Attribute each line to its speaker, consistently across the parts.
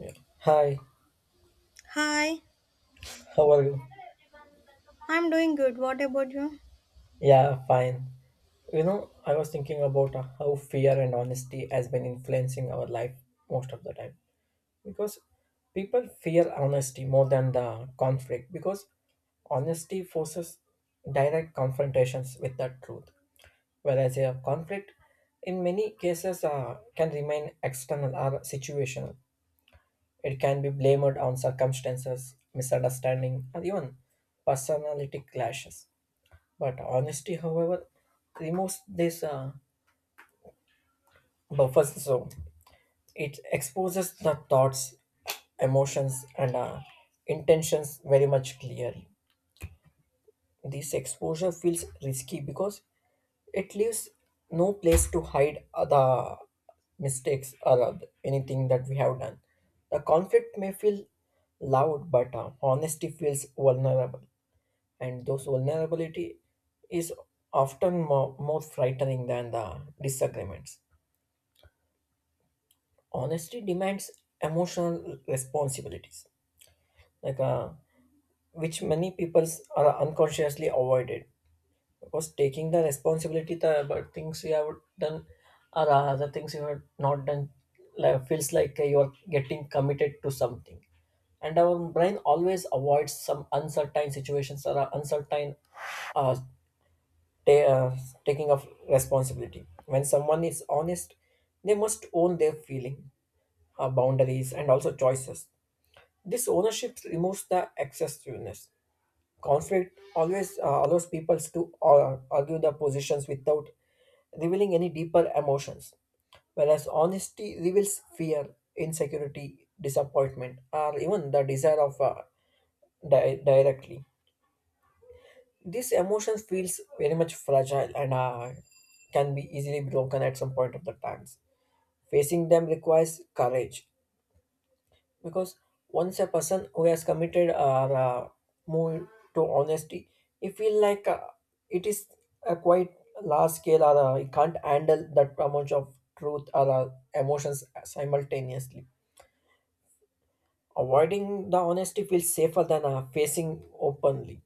Speaker 1: Yeah. Hi,
Speaker 2: Hi,
Speaker 1: how are you?
Speaker 2: I'm doing good. What about you?
Speaker 1: Yeah, fine. You know, I was thinking about how fear and honesty has been influencing our life most of the time. Because people fear honesty more than the conflict because honesty forces direct confrontations with the truth, whereas a conflict in many cases can remain external or situational. It can be blamed on circumstances, misunderstanding, or even personality clashes. But honesty, however, removes this buffer zone. It exposes the thoughts, emotions, and intentions very much clearly. This exposure feels risky because it leaves no place to hide the mistakes or anything that we have done. The conflict may feel loud, but honesty feels vulnerable. And those vulnerability is often more frightening than the disagreements. Honesty demands emotional responsibilities, like which many people are unconsciously avoided because taking the responsibility the about things you have done or other things you have not done like, feels like you are getting committed to something, and our brain always avoids some uncertain situations or uncertain uh, ta- uh, taking of responsibility. When someone is honest, they must own their feeling, boundaries, and also choices. This ownership removes the excessiveness. Conflict always allows people to argue their positions without revealing any deeper emotions, whereas honesty reveals fear, insecurity, disappointment, or even the desire of directly. This emotion feels very much fragile and can be easily broken at some point of the times. Facing them requires courage because once a person who has committed or moved to honesty, he feel like it is a quite large scale or he can't handle that amount of truth or emotions simultaneously. Avoiding the honesty feels safer than facing openly.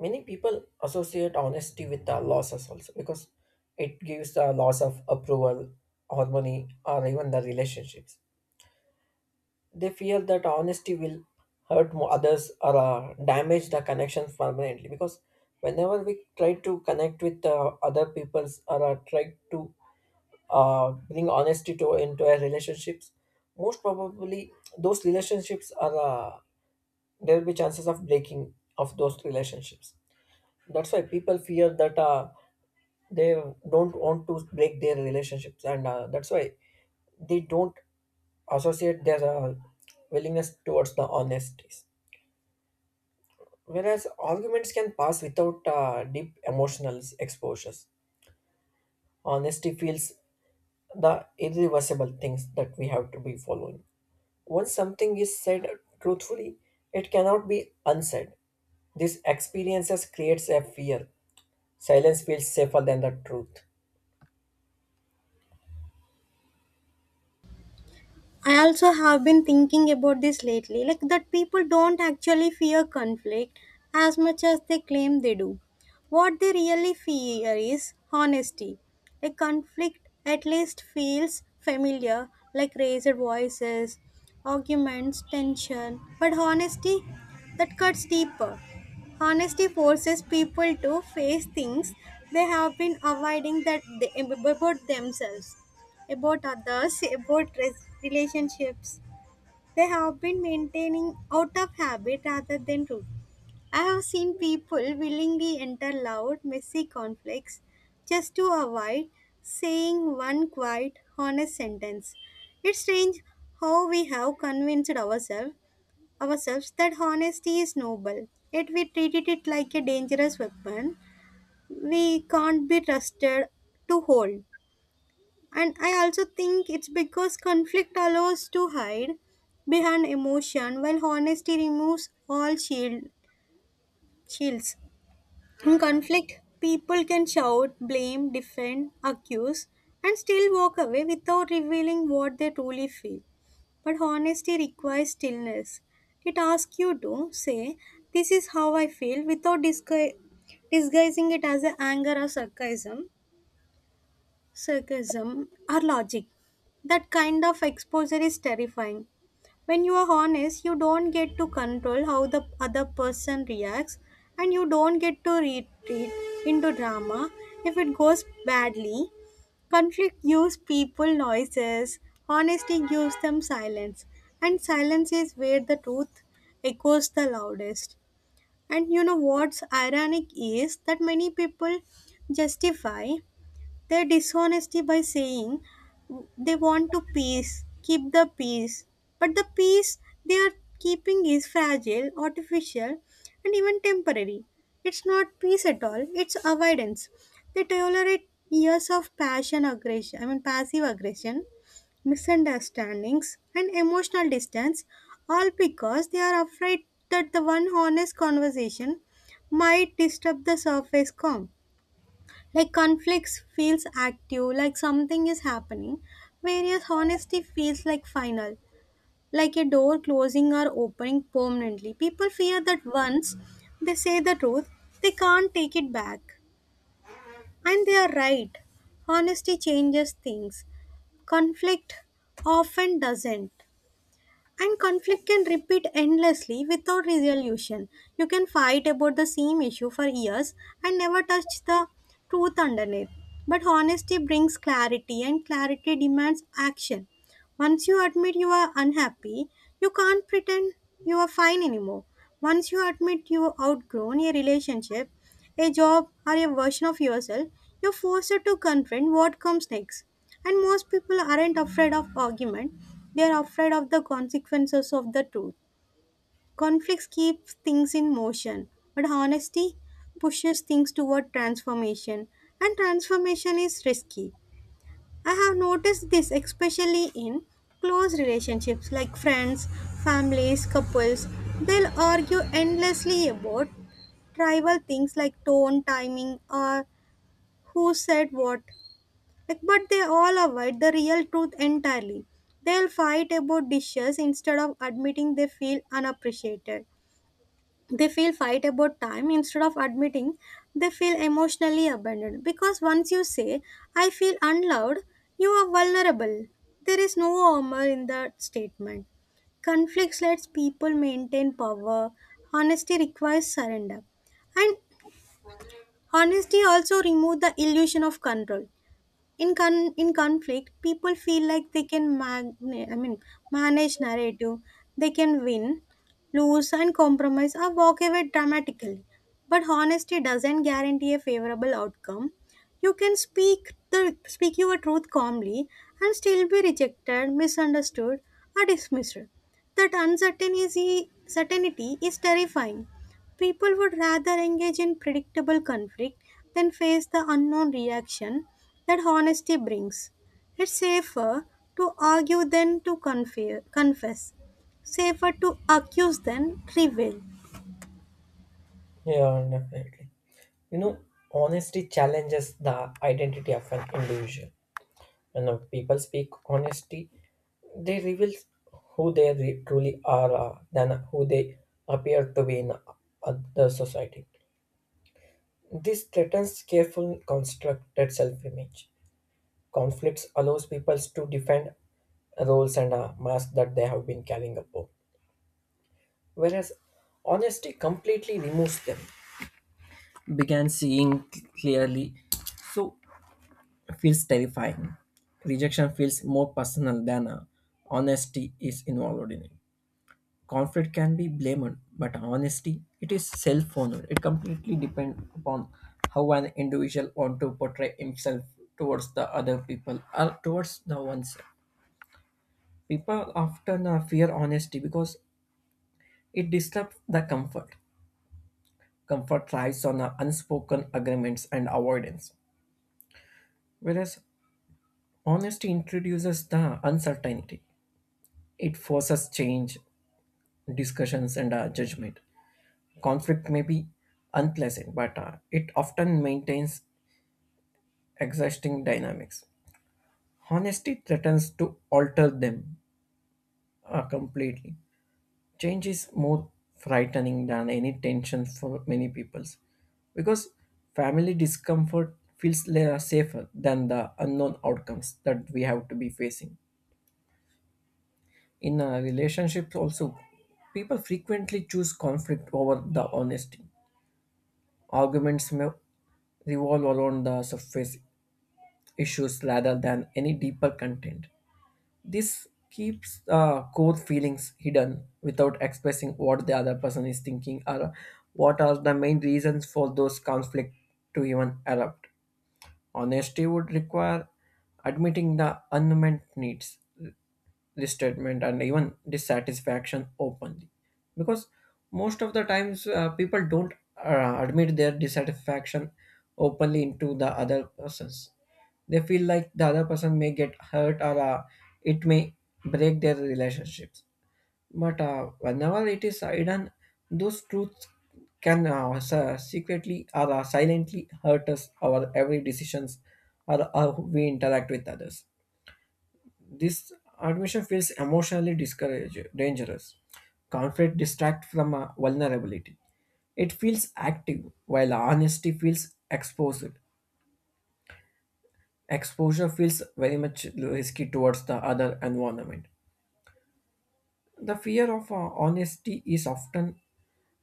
Speaker 1: Many people associate honesty with the losses also because it gives the loss of approval, harmony, or even the relationships. They fear that honesty will hurt others or damage the connections permanently because whenever we try to connect with other people's or try to bring honesty to into our relationships, most probably those relationships are there will be chances of breaking of those relationships. That's why people fear that they don't want to break their relationships, and that's why they don't associate their willingness towards the honesties, whereas arguments can pass without deep emotional exposures. Honesty feels the irreversible things that we have to be following. Once something is said truthfully, it cannot be unsaid. These experiences creates a fear. Silence feels safer than the truth.
Speaker 2: I also have been thinking about this lately, like that people don't actually fear conflict as much as they claim they do. What they really fear is honesty. A conflict at least feels familiar, like raised voices, arguments, tension. But honesty, that cuts deeper. Honesty forces people to face things they have been avoiding that they, about themselves. About others, about relationships. They have been maintaining out of habit rather than truth. I have seen people willingly enter loud, messy conflicts just to avoid saying one quiet, honest sentence. It's strange how we have convinced ourselves that honesty is noble, yet we treated it like a dangerous weapon we can't be trusted to hold. And I also think it's because conflict allows to hide behind emotion while honesty removes all shields. In conflict, people can shout, blame, defend, accuse, and still walk away without revealing what they truly feel. But honesty requires stillness. It asks you to say, this is how I feel, without disguising it as a anger or sarcasm, or logic. That kind of exposure is terrifying. When you are honest, you don't get to control how the other person reacts and you don't get to retreat into drama if it goes badly. Conflict gives people noises, honesty gives them silence, and silence is where the truth echoes the loudest. And you know what's ironic is that many people justify their dishonesty by saying they want to keep the peace, but the peace they are keeping is fragile, artificial, and even temporary. It's not peace at all, it's avoidance. They tolerate years of passion aggression, I mean passive aggression, misunderstandings, and emotional distance, all because they are afraid that the one honest conversation might disturb the surface calm. Like conflicts feels active, like something is happening, whereas honesty feels like final, like a door closing or opening permanently. People fear that once they say the truth, they can't take it back. And they are right. Honesty changes things. Conflict often doesn't. And conflict can repeat endlessly without resolution. You can fight about the same issue for years and never touch the truth underneath. But honesty brings clarity, and clarity demands action. Once you admit you are unhappy, you can't pretend you are fine anymore. Once you admit you have outgrown a relationship, a job, or a version of yourself, you're forced to confront what comes next. And most people aren't afraid of argument, they're afraid of the consequences of the truth. Conflicts keep things in motion, but honesty pushes things toward transformation, and transformation is risky. I have noticed this especially in close relationships like friends, families, couples. They'll argue endlessly about trivial things like tone, timing, or who said what. Like, but they all avoid the real truth entirely. They'll fight about dishes instead of admitting they feel unappreciated. They feel fight about time instead of admitting they feel emotionally abandoned, because once you say, I feel unloved, you are vulnerable. There is no armor in that statement. Conflicts lets people maintain power. Honesty requires surrender. And honesty also removes the illusion of control. In conflict, people feel like they can I mean manage narrative, they can win, lose and compromise or walk away dramatically. But honesty doesn't guarantee a favorable outcome. You can speak your truth calmly and still be rejected, misunderstood, or dismissed. That uncertainty certainty is terrifying. People would rather engage in predictable conflict than face the unknown reaction that honesty brings. It's safer to argue than to confess. Safer to accuse than reveal.
Speaker 1: Yeah, definitely. You know, honesty challenges the identity of an individual. When the people speak honesty, they reveal who they truly are than who they appear to be in other society. This threatens careful constructed self-image. Conflicts allows people to defend roles and masks that they have been carrying upon, whereas honesty completely removes them. Began seeing clearly, so feels terrifying. Rejection feels more personal than honesty is involved in it. Conflict can be blamed, but honesty it is self-honored. It completely depends upon how an individual want to portray himself towards the other people or towards the oneself. People often fear honesty because it disrupts the comfort. Comfort thrives on unspoken agreements and avoidance, whereas honesty introduces the uncertainty. It forces change discussions and judgment. Conflict may be unpleasant, but it often maintains existing dynamics. Honesty threatens to alter them completely. Change is more frightening than any tension for many peoples because family discomfort feels safer than the unknown outcomes that we have to be facing. In relationships also, people frequently choose conflict over the honesty. Arguments may revolve around the surface issues rather than any deeper content. This keeps core feelings hidden without expressing what the other person is thinking or what are the main reasons for those conflicts to even erupt. Honesty would require admitting the unmet needs resentment and even dissatisfaction openly because most of the times people don't admit their dissatisfaction openly into the other persons. They feel like the other person may get hurt, or it may break their relationships. But whenever it is hidden, those truths can secretly or silently hurt us our every decisions or how we interact with others. This admission feels emotionally discourage, dangerous. Conflict distracts from vulnerability. It feels active, while honesty feels exposed. Exposure feels very much risky towards the other environment. The fear of honesty is often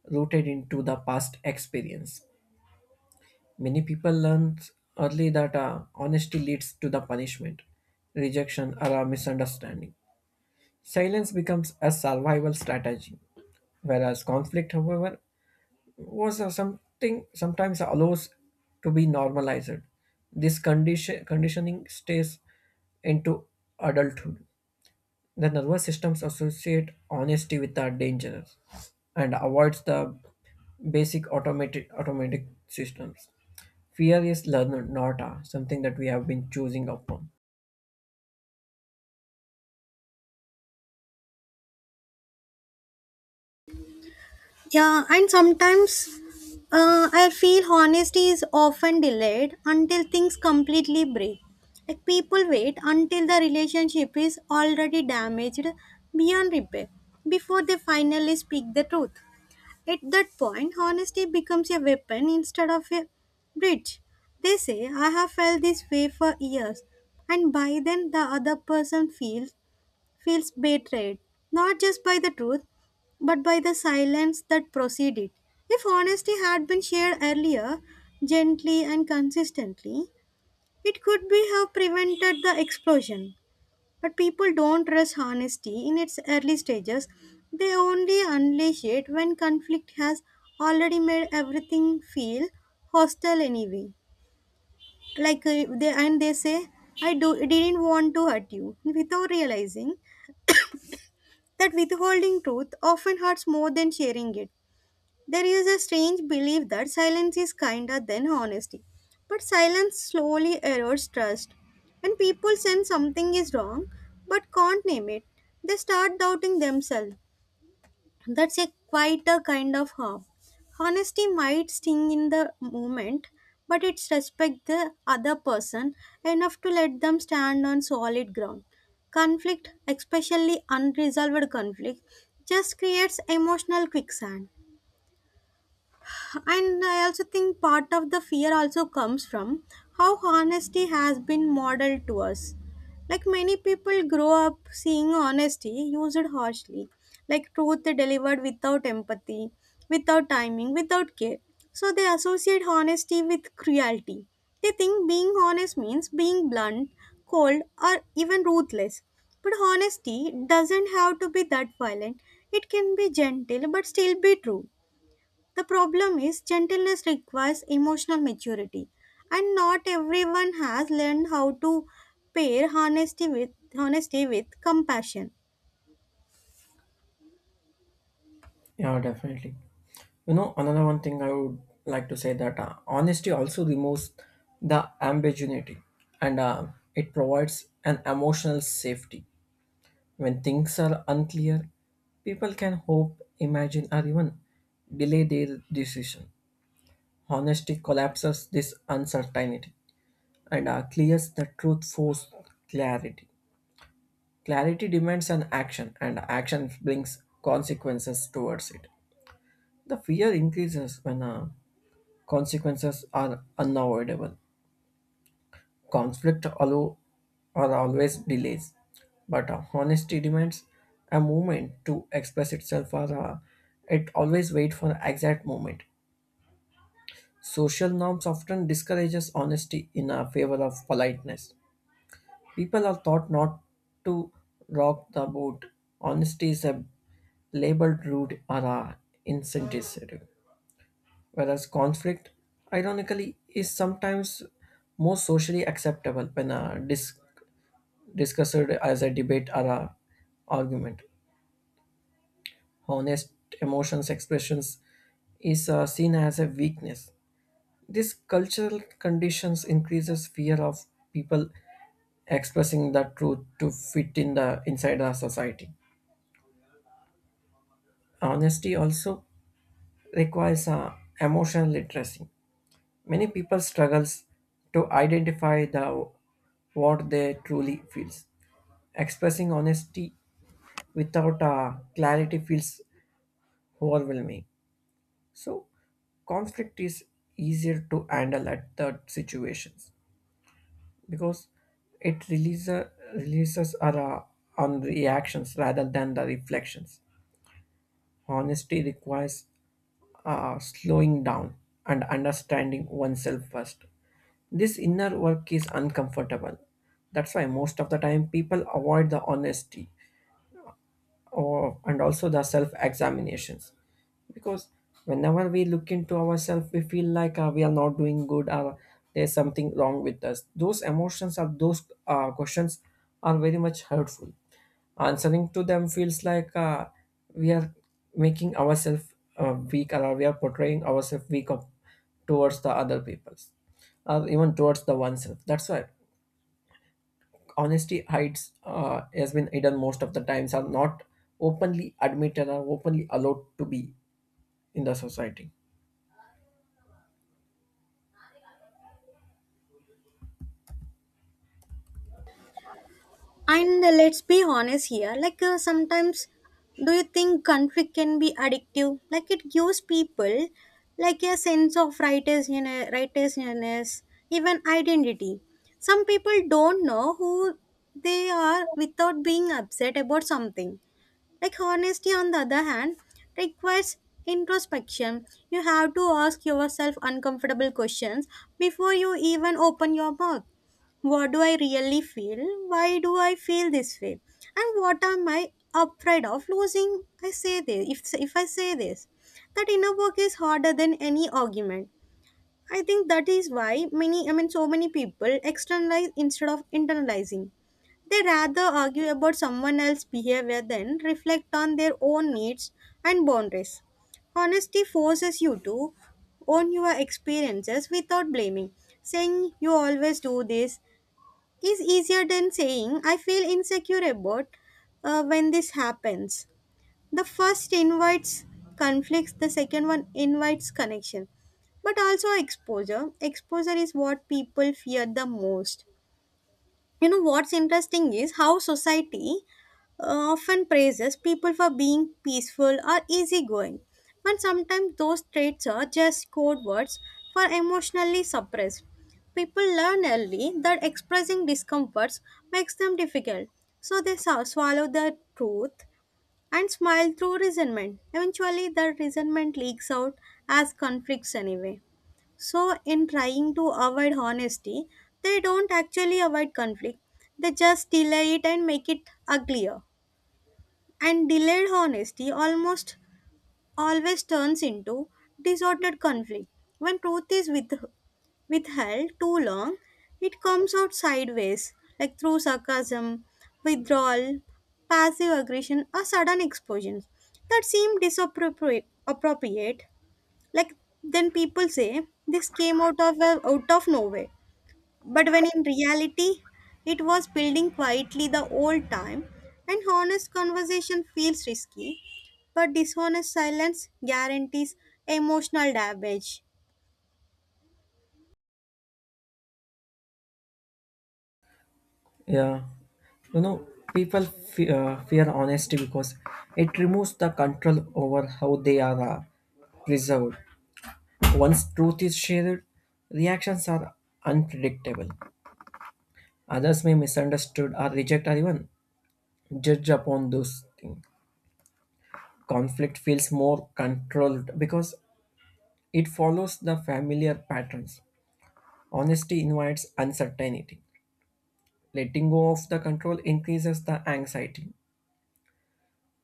Speaker 1: rooted into the past experience. Many people learn early that honesty leads to the punishment, rejection, or a misunderstanding. Silence becomes a survival strategy, whereas conflict, however, was a something sometimes allows to be normalized. This conditioning stays into adulthood. The nervous systems associate honesty with the dangerous and avoids the basic automatic systems. Fear is learned, not something that we have been choosing upon.
Speaker 2: Yeah, and sometimes I feel honesty is often delayed until things completely break. Like people wait until the relationship is already damaged beyond repair before they finally speak the truth. At that point, honesty becomes a weapon instead of a bridge. They say, I have felt this way for years, and by then the other person feels betrayed, not just by the truth, but by the silence that preceded it. If honesty had been shared earlier, gently and consistently, it could be have prevented the explosion. But people don't trust honesty in its early stages. They only unleash it when conflict has already made everything feel hostile anyway. Like they say, "I do didn't want to hurt you," without realizing that withholding truth often hurts more than sharing it. There is a strange belief that silence is kinder than honesty, but silence slowly erodes trust. When people sense something is wrong but can't name it, they start doubting themselves. That's a quite a kind of harm. Honesty might sting in the moment, but it's respect the other person enough to let them stand on solid ground. Conflict, especially unresolved conflict, just creates emotional quicksand. And I also think part of the fear also comes from how honesty has been modeled to us. Like many people grow up seeing honesty used harshly, like truth delivered without empathy, without timing, without care. So they associate honesty with cruelty. They think being honest means being blunt, cold, or even ruthless. But honesty doesn't have to be that violent. It can be gentle but still be true. The problem is gentleness requires emotional maturity, and not everyone has learned how to pair honesty with compassion.
Speaker 1: Yeah, definitely. You know, another one thing I would like to say that honesty also removes the ambiguity and it provides an emotional safety. When things are unclear, people can hope, imagine, or even delay their decision. Honesty collapses this uncertainty and clears the truth force clarity. Clarity demands an action, and action brings consequences towards it. The fear increases when consequences are unavoidable. Conflict allow are always delays, but honesty demands a moment to express itself or it always wait for exact moment. Social norms often discourages honesty in favor of politeness. People are taught not to rock the boat. Honesty is a labeled rude or insensitive. Whereas conflict, ironically, is sometimes more socially acceptable when discussed as a debate or a argument. Honest emotions expressions is seen as a weakness. This cultural conditions increases fear of people expressing the truth to fit in the inside the society. Honesty also requires emotional literacy. Many people struggles to identify the what they truly feels. Expressing honesty without clarity feels overwhelming. So conflict is easier to handle at the situations because it releases are on reactions rather than the reflections. Honesty requires slowing down and understanding oneself first. This inner work is uncomfortable. That's why most of the time people avoid the honesty, or, and also the self examinations because whenever we look into ourselves we feel like we are not doing good, or there's something wrong with us. Those emotions or those questions are very much hurtful. Answering to them feels like we are making ourselves weak, or we are portraying ourselves weak of, towards the other peoples or even towards the oneself. That's why honesty hides has been hidden most of the times are not openly admitted or openly allowed to be in the society.
Speaker 2: And let's be honest here, like sometimes, do you think conflict can be addictive? Like it gives people like a sense of righteousness, even identity. Some people don't know who they are without being upset about something. Like honesty, on the other hand, requires introspection. You have to ask yourself uncomfortable questions before you even open your mouth. What do I really feel? Why do I feel this way? And what am I afraid of losing? I say this. If I say this, that inner work is harder than any argument. I think that is why many, I mean, so many people externalize instead of internalizing. They rather argue about someone else's behavior than reflect on their own needs and boundaries. Honesty forces you to own your experiences without blaming. Saying you always do this is easier than saying I feel insecure about when this happens. The first invites conflicts, the second one invites connection, but also exposure. Exposure is what people fear the most. You know what's interesting is how society often praises people for being peaceful or easygoing, but sometimes those traits are just code words for emotionally suppressed. People learn early that expressing discomforts makes them difficult, so they swallow the truth and smile through resentment. Eventually the resentment leaks out as conflicts anyway. So, in trying to avoid honesty, they don't actually avoid conflict. They just delay it and make it uglier. And delayed honesty almost always turns into disordered conflict. When truth is withheld too long, it comes out sideways, like through sarcasm, withdrawal, passive aggression, or sudden explosions that seem disappropriate. appropriate. Like then people say this came out of nowhere. But when in reality it was building quietly the old time, and honest conversation feels risky, but dishonest silence guarantees emotional damage.
Speaker 1: Yeah. You know, people fear honesty because it removes the control over how they are preserved. Once truth is shared, reactions are unpredictable. Others may misunderstood, or reject, or even judge upon those things. Conflict feels more controlled because it follows the familiar patterns. Honesty invites uncertainty. Letting go of the control increases the anxiety.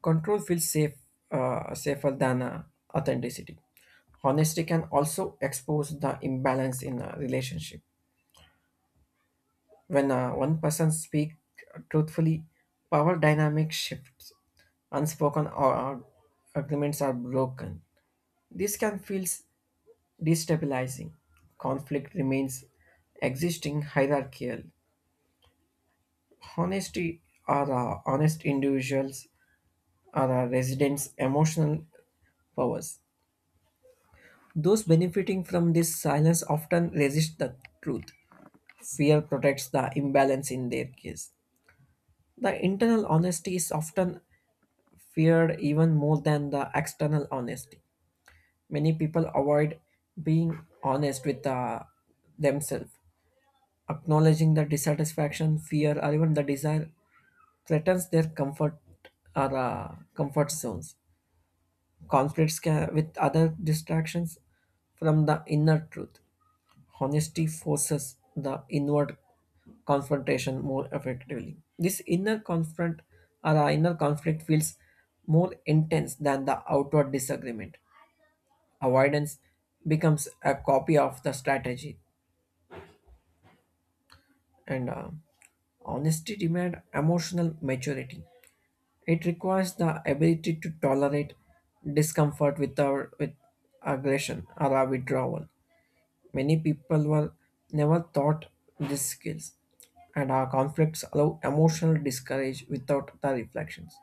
Speaker 1: Control feels safer than authenticity. Honesty can also expose the imbalance in a relationship. When one person speaks truthfully, power dynamic shifts. Unspoken agreements are broken. This can feel destabilizing. Conflict remains existing hierarchical. Honesty are the honest individuals are the residents' emotional powers. Those benefiting from this silence often resist the truth. Fear protects the imbalance in their case. The internal honesty is often feared even more than the external honesty. Many people avoid being honest with themselves. Acknowledging the dissatisfaction, fear, or even the desire threatens their comfort or comfort zones. Conflicts with other distractions from the inner truth. Honesty forces the inward confrontation more effectively. This inner confront or the inner conflict feels more intense than the outward disagreement. Avoidance becomes a copy of the strategy, and honesty demands emotional maturity. It requires the ability to tolerate discomfort without with aggression or a withdrawal. Many people were never taught these skills, and our conflicts allow emotional discourage without the reflections.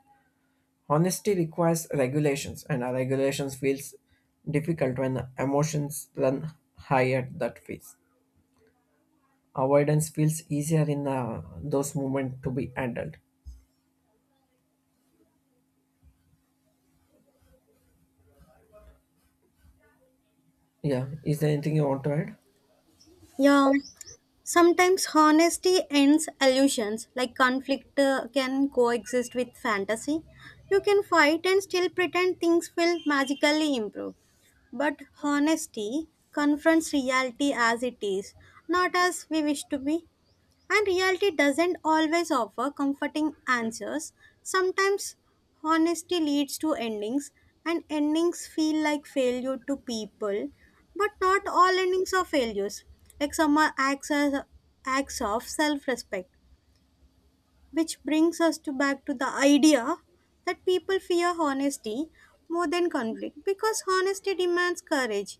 Speaker 1: Honesty requires regulations, and our regulations feels difficult when emotions run high at that phase. Avoidance feels easier in those moments to be handled. Yeah, is there anything you want to add?
Speaker 2: Yeah, sometimes honesty ends illusions, like conflict can coexist with fantasy. You can fight and still pretend things will magically improve. But honesty confronts reality as it is, not as we wish to be. And reality doesn't always offer comforting answers. Sometimes honesty leads to endings, and endings feel like failure to people. But not all endings are failures. Like some are acts of self respect, which brings us to back to the idea that people fear honesty more than conflict, because honesty demands courage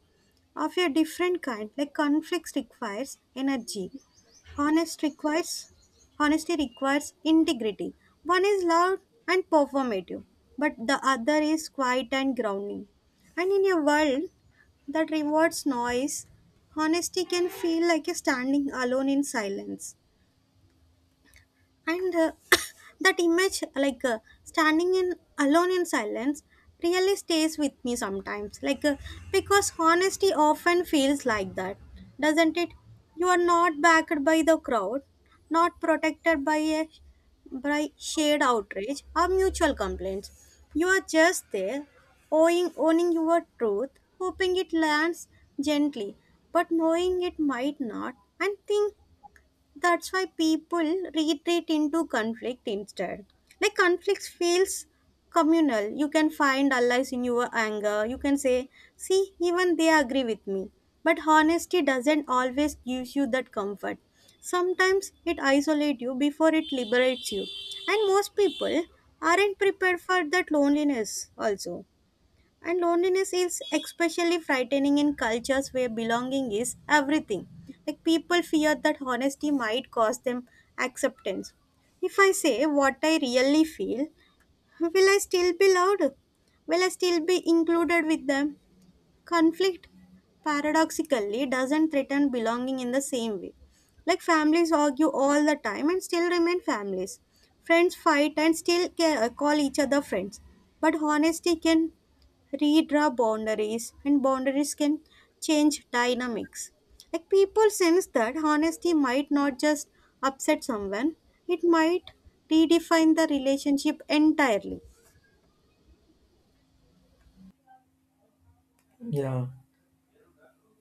Speaker 2: of a different kind. Like conflict requires energy, honest requires honesty requires integrity. One is loud and performative, but the other is quiet and grounding. And in a world that rewards noise, honesty can feel like you're standing alone in silence. And that image, like standing in alone in silence, really stays with me sometimes, like because honesty often feels like that, doesn't it? You are not backed by the crowd, not protected by shared outrage or mutual complaints. You are just there owing owning your truth, hoping it lands gently but knowing it might not. And think that's why people retreat into conflict instead. Like conflicts feels communal. You can find allies in your anger. You can say, see, even they agree with me. But honesty doesn't always give you that comfort. Sometimes it isolates you before it liberates you. And most people aren't prepared for that loneliness also. And loneliness is especially frightening in cultures where belonging is everything. Like people fear that honesty might cost them acceptance. If I say what I really feel, will I still be loved? Will I still be included with them? Conflict, paradoxically, doesn't threaten belonging in the same way. Like families argue all the time and still remain families. Friends fight and still call each other friends. But honesty can redraw boundaries, and boundaries can change dynamics. Like people sense that honesty might not just upset someone, it might redefine the relationship entirely.
Speaker 1: Yeah,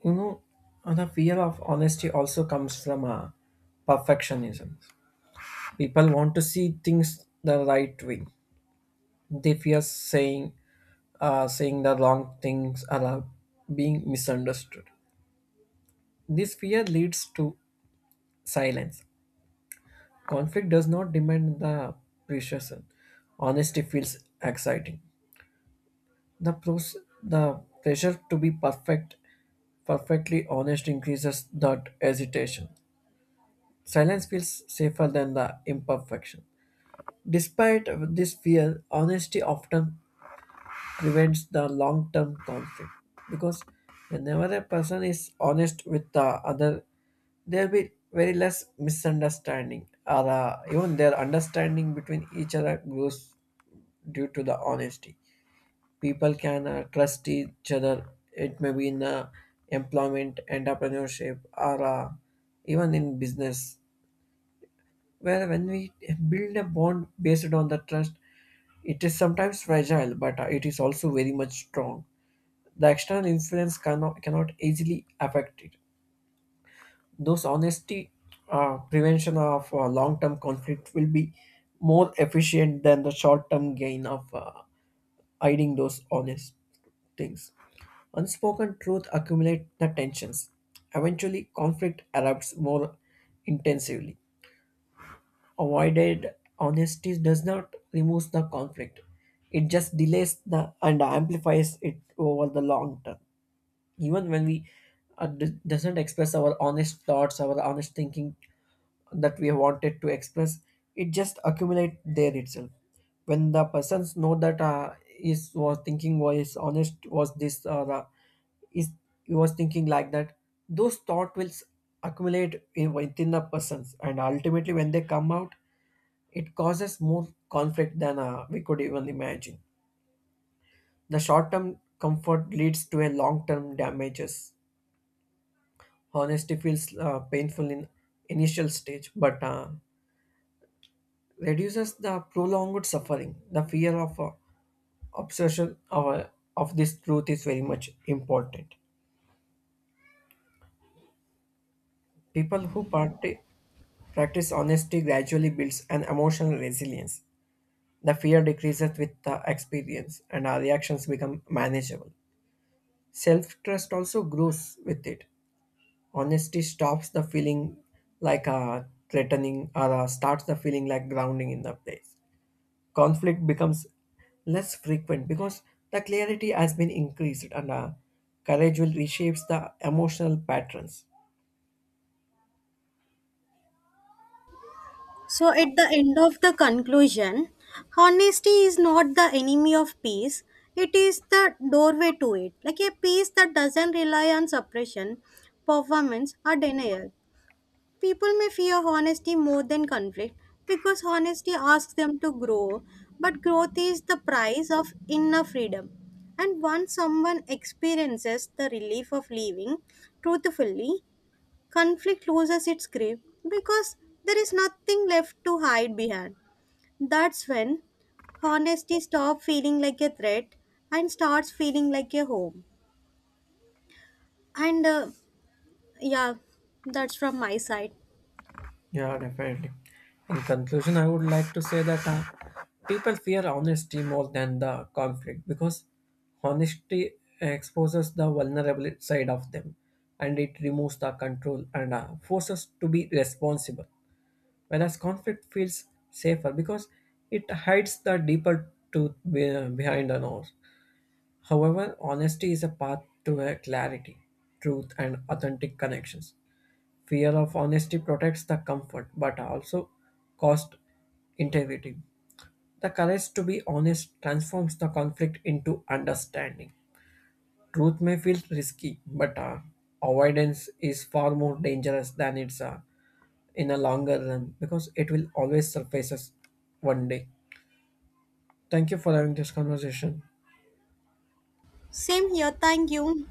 Speaker 1: you know, the fear of honesty also comes from perfectionism. People want to see things the right way. They fear saying the wrong things or being misunderstood. This fear leads to silence. Conflict does not demand the precision. Honesty feels exciting. The pressure to be perfectly honest increases that hesitation. Silence feels safer than the imperfection. Despite this fear, honesty often prevents the long term conflict because whenever a person is honest with the other, there'll be very less misunderstanding, or even their understanding between each other grows due to the honesty. People can trust each other. It may be in employment, entrepreneurship, or even in business where when we build a bond based on the trust, it is sometimes fragile, but it is also very much strong. The external influence cannot easily affect it. Those honesty prevention of long-term conflict will be more efficient than the short-term gain of hiding those honest things. Unspoken truth accumulate the tensions. Eventually, conflict erupts more intensively. Avoided honesty does not remove the conflict; it just delays the and amplifies it over the long term. Even when we doesn't express our honest thoughts, our honest thinking that we wanted to express, it just accumulate there itself. When the persons know that is was thinking was honest was this, or is he was thinking like that, those thought will accumulate in, within the persons, and ultimately when they come out, it causes more conflict than we could even imagine. The short term comfort leads to a long term damages. Honesty feels painful in initial stage, but reduces the prolonged suffering. The fear of obsession of this truth is very much important. People who practice honesty gradually builds an emotional resilience. The fear decreases with the experience, and our reactions become manageable. Self trust also grows with it. Honesty stops the feeling like a threatening or starts the feeling like grounding in the place. Conflict becomes less frequent because the clarity has been increased, and courage will reshapes the emotional patterns.
Speaker 2: So, at the end of the conclusion, honesty is not the enemy of peace, it is the doorway to it. Like a peace that doesn't rely on suppression, performance, or denial. People may fear honesty more than conflict because honesty asks them to grow, but growth is the price of inner freedom. And once someone experiences the relief of living truthfully, conflict loses its grip because there is nothing left to hide behind. That's when honesty stops feeling like a threat and starts feeling like a home. And yeah, that's from my side.
Speaker 1: Yeah, definitely. In conclusion, I would like to say that people fear honesty more than the conflict because honesty exposes the vulnerable side of them, and it removes the control and forces to be responsible. Whereas conflict feels safer because it hides the deeper truth behind the noise. However, honesty is a path to a clarity, truth, and authentic connections. Fear of honesty protects the comfort but also cost integrity. The courage to be honest transforms the conflict into understanding. Truth may feel risky, but avoidance is far more dangerous than it's in a longer run because it will always surface us one day. Thank you for having this conversation.
Speaker 2: Same here. Thank you.